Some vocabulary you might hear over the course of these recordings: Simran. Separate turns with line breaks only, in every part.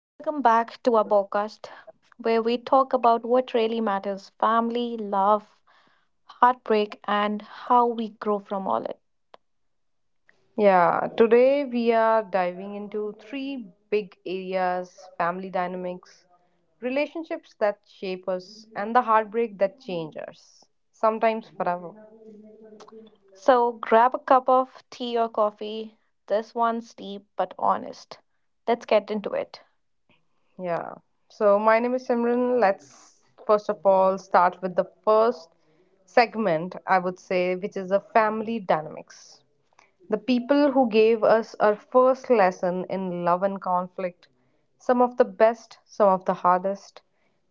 Welcome back to our podcast where we talk about what really matters: family, love, heartbreak, and how we grow from all it.
Yeah, today we are diving into three big areas: family dynamics, relationships that shape us, and the heartbreak that changes us, sometimes forever.
So grab a cup of tea or coffee. This one's deep but honest. Let's get into it.
Yeah, so my name is Simran. Let's first of all start with the first segment, I would say, which is the family dynamics. The people who gave us our first lesson in love and conflict, some of the best, some of the hardest,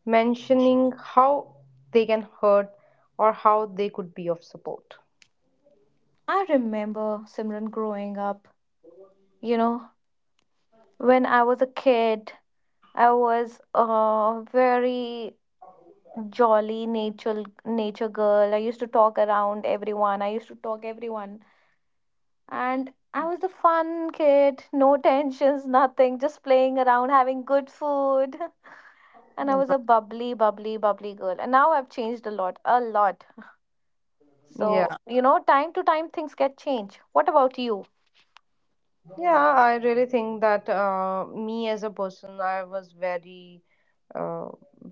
mentioning how they can hurt or how they could be of support.
I remember Simran growing up, you know, when I was a kid. I was a very jolly nature girl. I used to talk around everyone. I used to talk everyone. And I was the fun kid, no tensions, nothing, just playing around, having good food. And I was a bubbly girl. And now I've changed a lot. So,
Yeah,
you know, time to time things get changed. What about you?
yeah, I really think that me as a person, I was very, uh,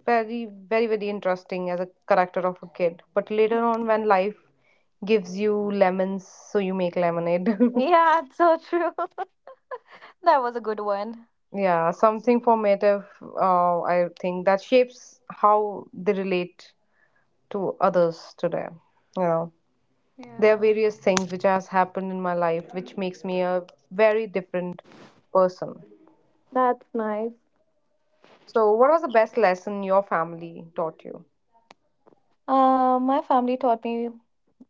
very, very, very interesting as a character of a kid. But later
Mhm.
on, when life gives you lemons, so you make lemonade.
Yeah, it's so true. That was a good one.
Yeah, something formative, I think, that shapes how they relate to others today. You know, there are
Yeah.
various things which has happened in my life which makes me a very different person.
That's nice.
So, what was the best lesson your family taught you?
My family taught me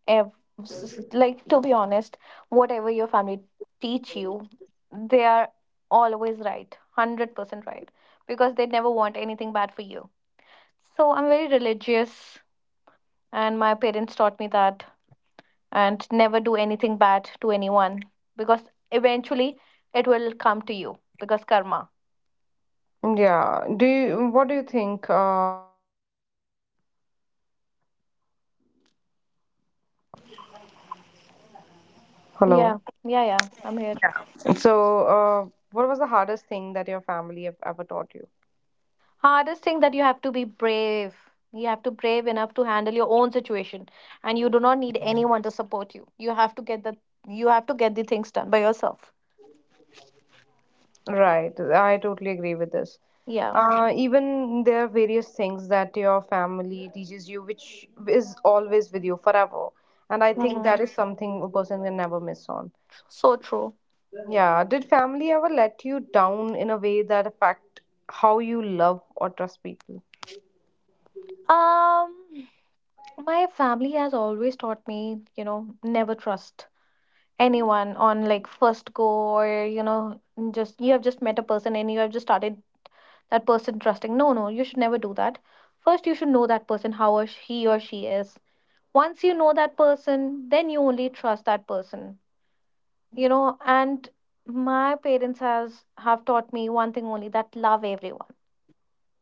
ev- like, to be honest, whatever your family teach you, they are always right, 100% right, because they never want anything bad for you. So I'm very religious, and my parents taught me that. And never do anything bad to anyone, because eventually it will come to you, because karma.
Yeah, do you, what do you think? Hello.
Yeah. Yeah, I'm here.
So, what was the hardest thing that your family have ever taught you?
Hardest thing, that you have to be brave. You have to brave enough to handle your own situation, and you do not need anyone to support you. You have to get the You have to get the things done by yourself.
Right. I totally agree with this.
Yeah.
Even there are various things that your family teaches you, which is always with you forever. And I think that
Mhm.
is something a person can never miss on.
So true.
Yeah. Did family ever let you down in a way that affect how you love or trust people?
um my family has always taught me, you know, never trust anyone on like first go. Or, you know, just you have just met a person and you have just started that person trusting, no, no, you should never do that. First you should know that person how or he or she is. Once you know that person, then you only trust that person, you know. And my parents has have taught me one thing only: that love everyone.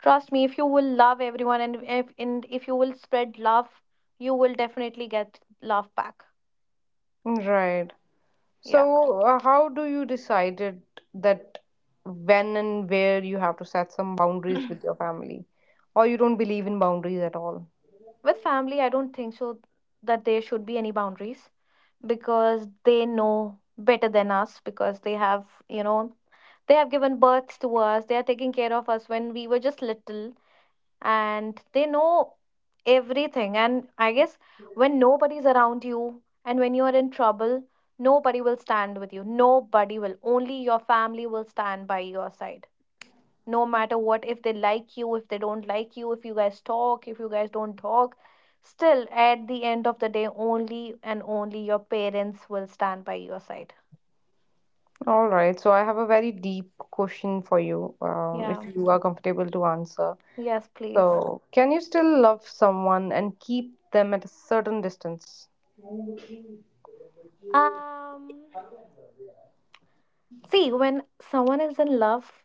Trust me, if you will love everyone, and if you will spread love, you will definitely get love back.
Right.
Yeah.
So, how do you decided that when and where you have to set some boundaries with your family, or you don't believe in boundaries at all?
With family, I don't think so that there should be any boundaries, because they know better than us. Because they have, you know, they have given birth to us, they are taking care of us when we were just little, and they know everything. And I guess when nobody's around you and when you're in trouble, nobody will stand with you. Nobody will. Only your family will stand by your side. No matter what, if they like you, if they don't like you, if you guys talk, if you guys don't talk, still at the end of the day, only and only your parents will stand by your side.
All right. So, I have a very deep question for you,
Yeah.
if you are comfortable to answer.
Yes, please.
So, can you still love someone and keep them at a certain distance?
Um, see, when someone is in love,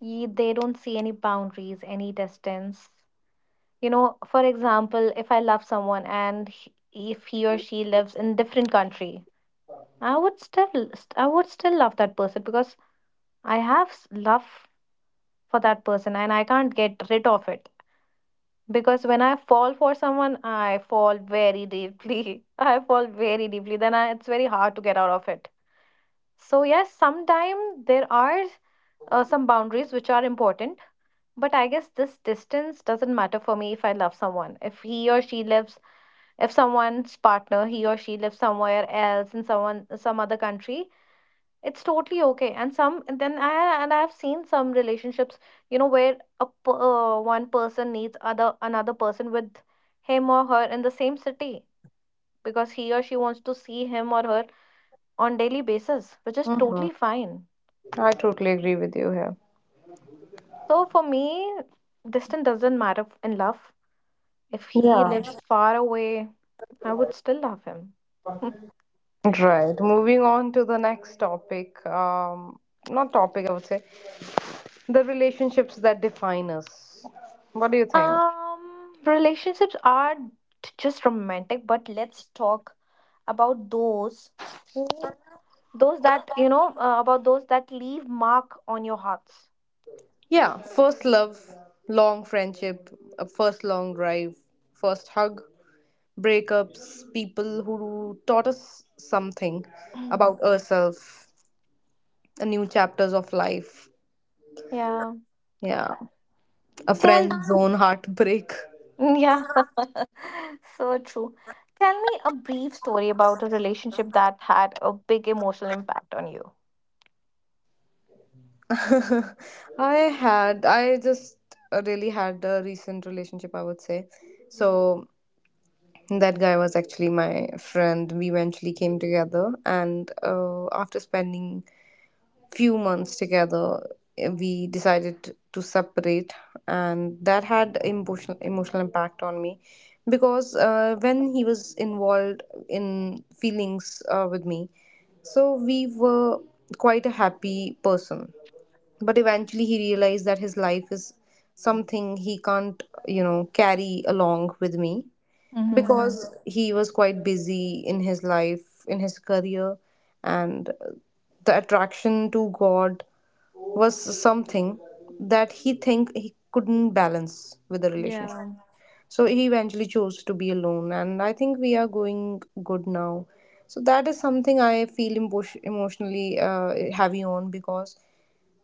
They don't see any boundaries, any distance. You know, for example, if I love someone and if he or she lives in different country, I would I would still love that person, because I have love for that person and I can't get rid of it. Because when I fall for someone, I fall very deeply. I fall very deeply. Then it's very hard to get out of it. So yes, sometimes there are some boundaries which are important. But I guess this distance doesn't matter for me if I love someone. If he or she lives, if someone's partner, he or she lives somewhere else in some other country, it's totally okay. And I've seen some relationships, you know, where one person needs other another person with him or her in the same city, because he or she wants to see him or her on daily basis, which is
Mm-hmm.
totally fine.
I totally agree with you here.
So for me, distance doesn't matter in love. If he
Yeah.
lives far away, I would still love him.
Right. Moving on to the next topic. Not topic, I would say. The relationships that define us. What do you think?
Relationships are just romantic, but let's talk about those who, those that, about those that leave mark on your hearts.
Yeah, first love, long friendship, a first long drive, first hug, breakups, people who taught us something
Mm.
about ourselves, a new chapters of life.
Yeah.
Yeah, a
Tell,
friend's own heartbreak.
yeah, so true. Tell me a brief story about a relationship that had a big emotional impact on you.
I had, I just really had a recent relationship, I would say. So, that guy was actually my friend. We eventually came together, and after spending few months together, we decided to separate, and that had emotional impact on me because when he was involved in feelings with me, so we were quite a happy person. But eventually, he realized that his life is something he can't, you know, carry along with me
Mm-hmm.
because he was quite busy in his life, in his career, and the attraction to God was something that he think he couldn't balance with the relationship.
Yeah,
So he eventually chose to be alone, and I think we are going good now. So that is something I feel emotionally heavy on because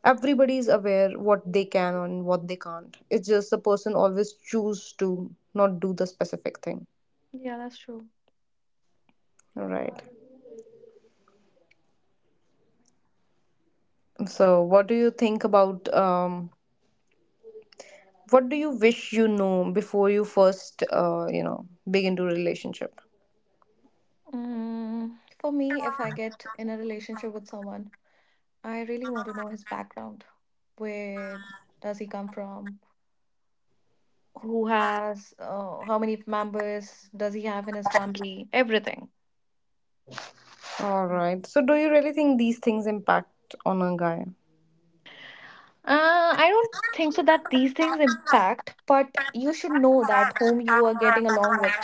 everybody is aware what they can and what they can't. It's just the person always choose to not do the specific thing.
yeah, that's true.
Right. So, what do you wish you know before you first, big into a relationship?
Mm, for me, if I get in a relationship with someone, I really want to know his background. Where does he come from? How many members does he have in his family? Everything.
All right. So, do you really think these things impact on a guy?
I don't think so that these things impact, but you should know that whom you are getting along with.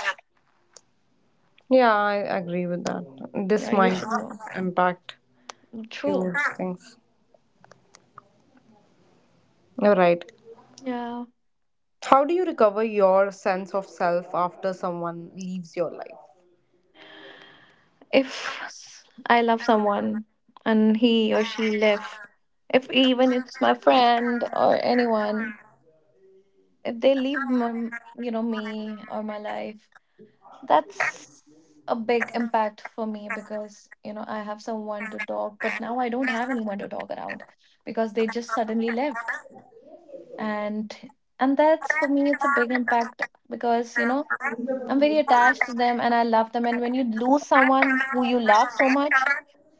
Yeah, I agree with that. This
Yeah, you
might
should know.
impact
True.
few things. All right.
Yeah.
How do you recover your sense of self after someone leaves your life?
if s- I love someone and he or she left, if even it's my friend or anyone, if they leave, me or my life, that's a big impact for me, because you know I have someone to talk, but now I don't have anyone to talk around, because they just suddenly left. and and that's for me, it's a big impact, because, you know, I'm very attached to them and I love them, and when you lose someone who you love so much,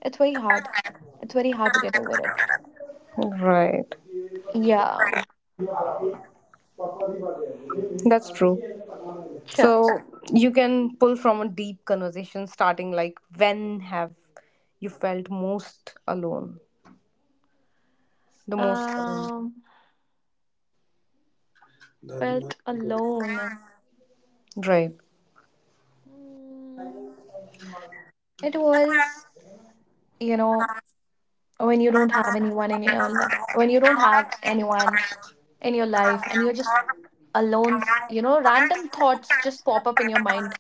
it's very hard. It's very hard to get over it.
Right.
Yeah.
That's true.
Sure.
So, you can pull from a deep conversation starting like, when have you felt most alone? The most alone.
Um, felt alone.
Right.
Mm, it was, you know, when you don't have anyone in your life, when you don't have anyone in your life and you're just alone, you know, random thoughts just pop up in your mind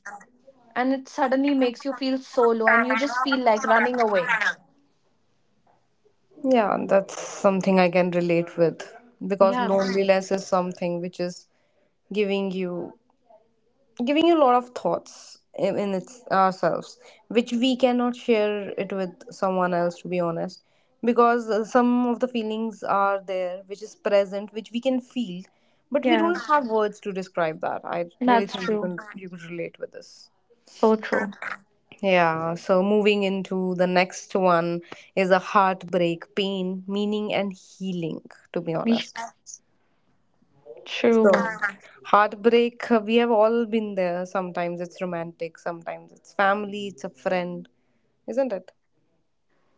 and it suddenly makes you feel so low and you just feel like running away.
Yeah, that's something I can relate with because
Yeah.
loneliness is something which is giving you giving you a lot of thoughts in its ourselves, which we cannot share it with someone else, to be honest, because some of the feelings are there which is present which we can feel, but we
Yeah.
don't have words to describe that. I really
That's
think you
true.
can you could relate with this.
So true.
Yeah, so moving into the next one is a heartbreak: pain, meaning, and healing, to be honest.
True.
So, heartbreak, we have all been there. Sometimes it's romantic, sometimes it's family, it's a friend, isn't it?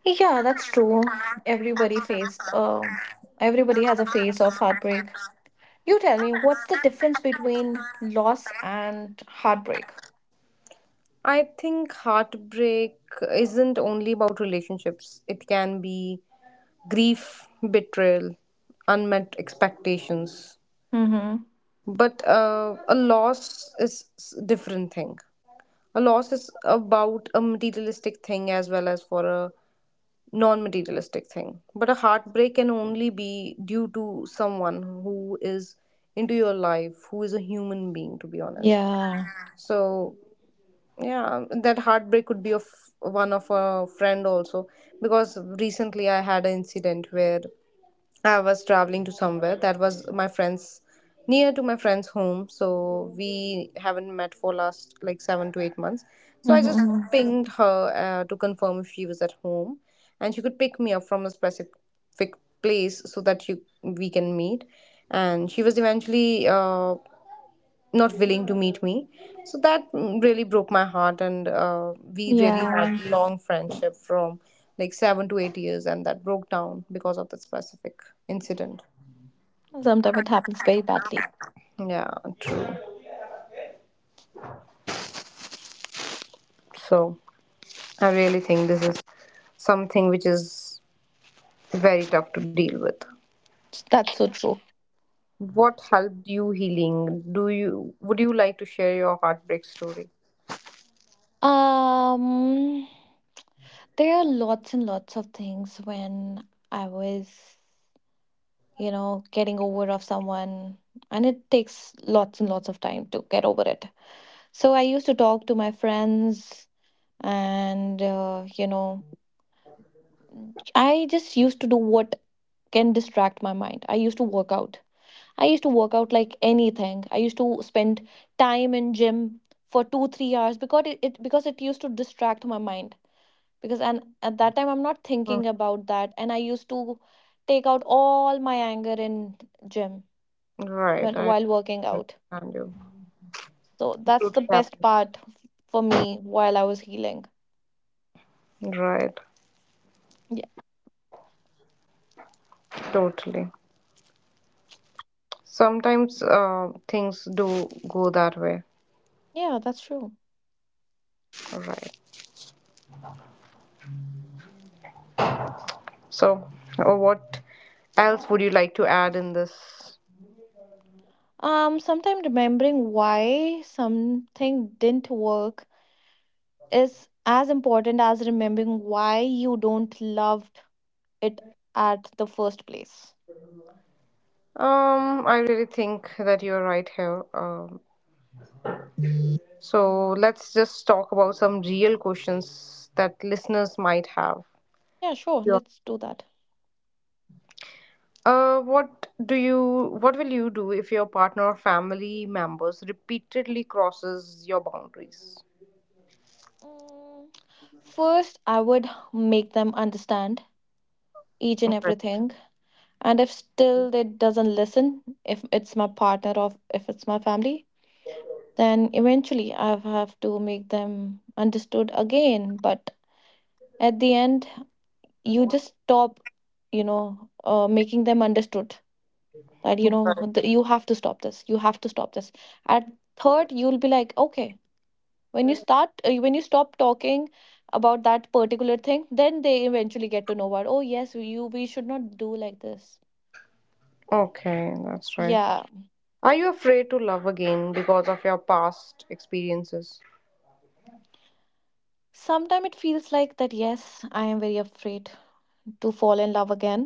Yeah, that's true. Everybody face uh, Everybody has a phase of heartbreak. You tell me, what's the difference between loss and heartbreak?
I think heartbreak isn't only about relationships, it can be grief, betrayal, unmet expectations.
Mm-hmm.
But a loss is different thing. A loss is about a materialistic thing as well as for a non materialistic thing. But a heartbreak can only be due to someone who is into your life, who is a human being, to be honest.
Yeah.
So, yeah, that heartbreak could be of one of a friend also. Because recently I had an incident where I was traveling to somewhere that was my friend's near to my friend's home, so we haven't met for last like 7 to 8 months. So I just. Uh-huh.
Mm-hmm.
Pinged her to confirm if she was at home, and she could pick me up from a specific place so that you we can meet. And she was eventually not willing to meet me, so that really broke my heart, and we really had
Yeah.
long friendship from like 7 to 8 years, and that broke down because of that specific incident.
Sometimes it happens very badly.
Yeah, true. So, I really think this is something which is very tough to deal with.
That's so true.
What helped you healing? Do you would you like to share your heartbreak story?
Um, there are lots and lots of things. When I was, you know, getting over of someone, and it takes lots and lots of time to get over it. So I used to talk to my friends, and, I just used to do what can distract my mind. I used to work out like anything. I used to spend time in gym for 2 or 3 hours, because it because it used to distract my mind, because and at that time I'm not
Mm.
thinking about that, and I used to take out all my anger in gym when
Right, I
while working out.
understand you.
So
It
that's the
totally
best
happens.
part for me while I was healing.
Right. Totally. Sometimes things do go that way.
Yeah. Yeah, that's true.
All right. So, what else would you like to add in this?
Sometimes remembering why something didn't work is as important as remembering why you don't loved it at the first place.
I really think that you're right here. So, let's just talk about some real questions that listeners might have.
Yeah, sure, let's do that.
What will you do if your partner or family members repeatedly crosses your boundaries?
Mm, first, I would make them understand each and
Okay.
everything. And if still they doesn't listen, if it's my partner or if it's my family, then eventually I have to make them understood again. But at the end, you just stop, you know, making them understood, that you know you have to stop this. At third, you'll be like, okay. When you stop talking about that particular thing, then they eventually get to know what. Oh yes, you we should not do like this.
Okay, that's right.
Yeah.
Are you afraid to love again because of your past experiences?
Sometimes it feels like that, yes, I am very afraid to fall in love again.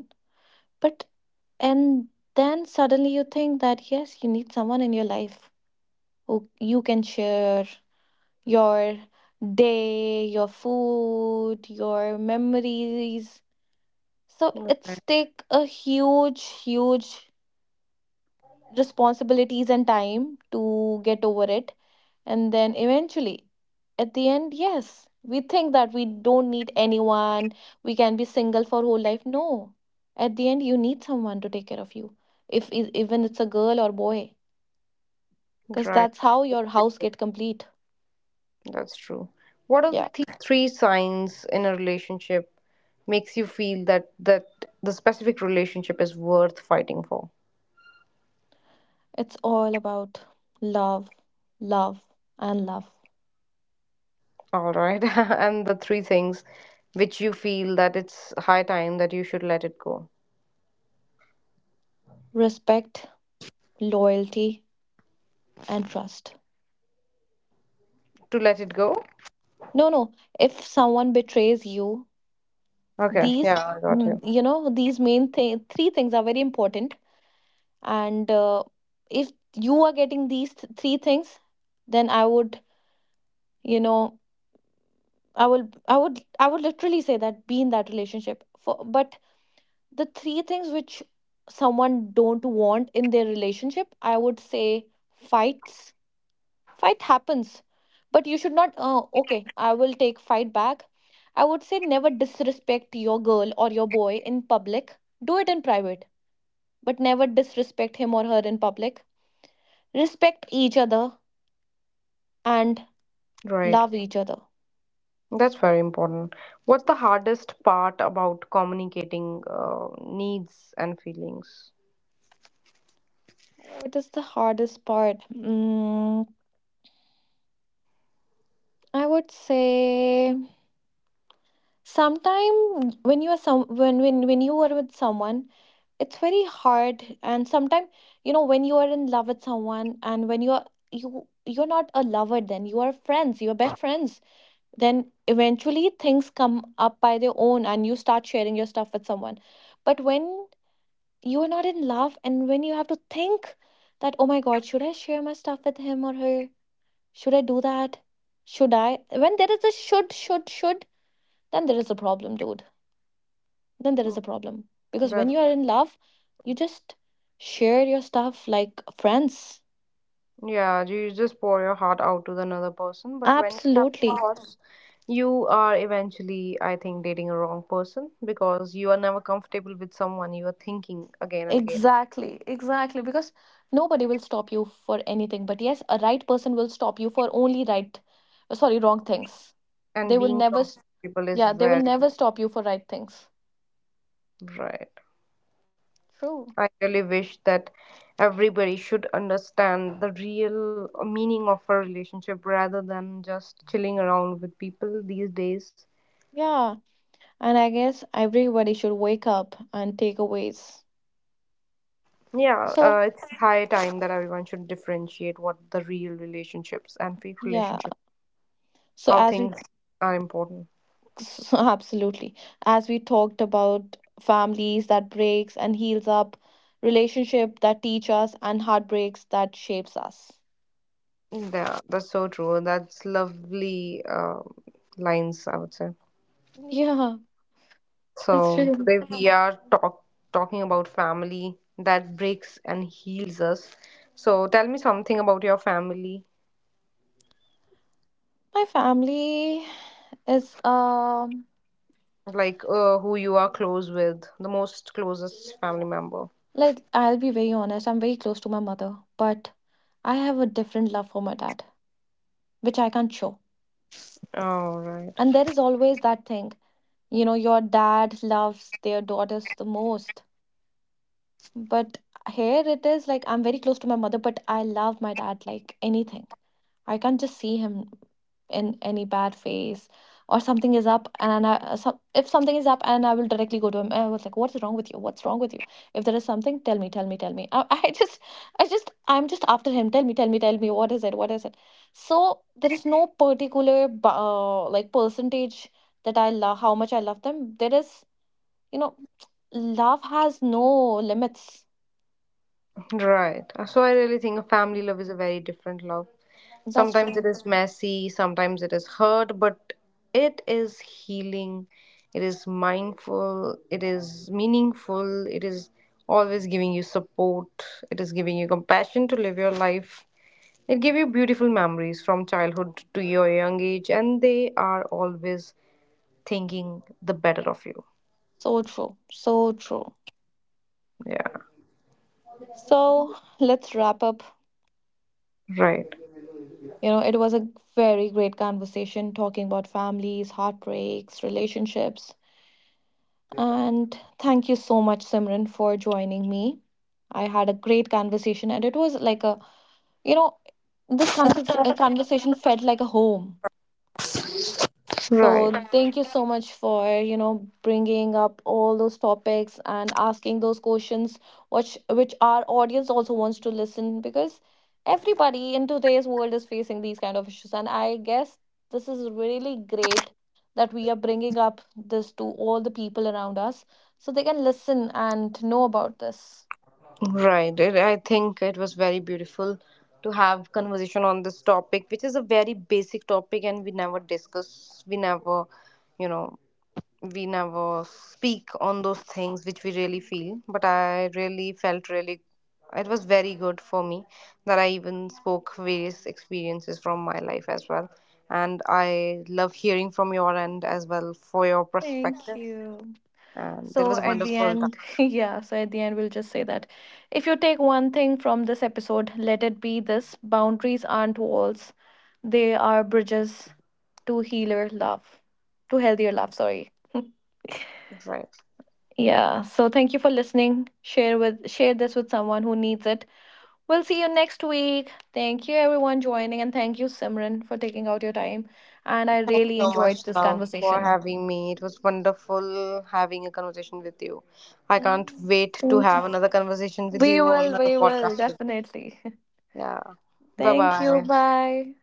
But and then suddenly you think that, yes, you need someone in your life who you can share your day, your food, your memories. So it's take a huge responsibilities and time to get over it. And then eventually, at the end, yes, we think that we don't need anyone, we can be single for whole life. No. At the end, you need someone to take care of you. If e- Even it's a girl or boy, because
Right,
that's how your house get complete.
that's true. What are the
Yeah.
three signs in a relationship makes you feel that the specific relationship is worth fighting for?
It's all about love, love, and love.
All right, and the three things which you feel that it's high time that you should let it go.
Respect, loyalty, and trust.
To let it go?
No, no. If someone betrays you,
Okay,
these,
yeah, I got
mm,
you.
you know, these main thing, three things are very important. And if you are getting these three things, then I would, you know, I will, I would literally say that be in that relationship. For But the three things which someone don't want in their relationship, I would say: fights. Fight happens, but you should not. Okay, I will take fight back. I would say never disrespect your girl or your boy in public. Do it in private, but never disrespect him or her in public. Respect each other and
Right.
love each other.
That's very important. What's the hardest part about communicating needs and feelings?
What is the hardest part? Mm, I would say, sometimes when you are some when you are with someone, it's very hard. And sometimes, you know, when you are in love with someone and when you are, you're not a lover, then you are friends, you are best friends, then eventually things come up by their own and you start sharing your stuff with someone. But when you are not in love and when you have to think that, oh my god, should I share my stuff with him or her, should I do that, should I, when there is a should, then there is a problem, dude, then there
Hmm.
is a problem. Because when
But
you are in love, you just share your stuff like friends.
yeah, you just pour your heart out to the another person. But when you have
Absolutely.
thoughts, you are eventually, I think, dating a wrong person because you are never comfortable with someone you are thinking again and again.
Exactly. Exactly. Because nobody will stop you for anything. But yes, a right person will stop you for only right, sorry, wrong things.
And
They will
being
never,
comfortable is
yeah, they will
very
never stop you for right things.
important. Right.
True.
I really wish that everybody should understand the real meaning of a relationship rather than just chilling around with people these days.
Yeah. And I guess everybody should wake up and take aways.
Yeah,
So,
it's high time that everyone should differentiate what the real relationships and fake
yeah.
relationships,
So,
how
as we
things are important.
Absolutely. As we talked about families that breaks and heals up, relationship that teach us, and heartbreaks that shapes us.
Yeah, that's so true. That's lovely lines, I would say.
Yeah, that's
So
true.
today we are talking about family that breaks and heals us. So tell me something about your family,
My family is, um,
like who you are close with, the most closest family member.
like, I'll be very honest, I'm very close to my mother, but I have a different love for my dad, which I can't show.
All right.
And there is always that thing, you know, your dad loves their daughters the most. But here it is like I'm very close to my mother, but I love my dad like anything. I can't just see him in any bad phase, or something is up and if something is up, and I will directly go to him. I was like, what's wrong with you? What's wrong with you? If there is something, tell me, tell me, tell me. I'm just after him. Tell me, tell me, tell me. What is it? What is it? So there is no particular like percentage that I love, how much I love them. There is, you know, love has no limits.
Right. So, I really think family love is a very different love.
That's
Sometimes
true.
it is messy, sometimes it is hurt, but it is healing, it is mindful, it is meaningful, it is always giving you support, it is giving you compassion to live your life. It gives you beautiful memories from childhood to your young age, and they are always thinking the better of you.
So true. So true.
Yeah.
So let's wrap up.
Right.
You know, it was a very great conversation talking about families, heartbreaks, relationships. And thank you so much, Simran, for joining me. I had a great conversation, and it was like a, you know, this conversation felt like a home. So
Right.
thank you so much for, you know, bringing up all those topics and asking those questions, which our audience also wants to listen, because everybody in today's world is facing these kind of issues, and I guess this is really great that we are bringing up this to all the people around us, so they can listen and know about this.
Right. It, I think it was very beautiful to have conversation on this topic, which is a very basic topic, and we never discuss. You know, we never speak on those things which we really feel. But I really felt really, it was very good for me that I even spoke various experiences from my life as well, and I love hearing from your end as well for your
Thank
perspective.
you.
And it was
So
a
at the
wonderful time.
end, yeah, so at the end, we'll just say that if you take one thing from this episode, let it be this: boundaries aren't walls, they are bridges to healer love, to healthier love, sorry.
Right.
Yeah, so thank you for listening. Share this with someone who needs it. We'll see you next week. Thank you everyone joining, and thank you Simran for taking out your time, and I
Thanks
really
so much,
enjoyed this
love, for
conversation.
having me. It was wonderful having a conversation with you. I can't
Um,
wait to
thank you.
have another conversation with you or another
We will
podcast with you.
definitely.
Yeah. Bye
Thank you.
bye.
Bye.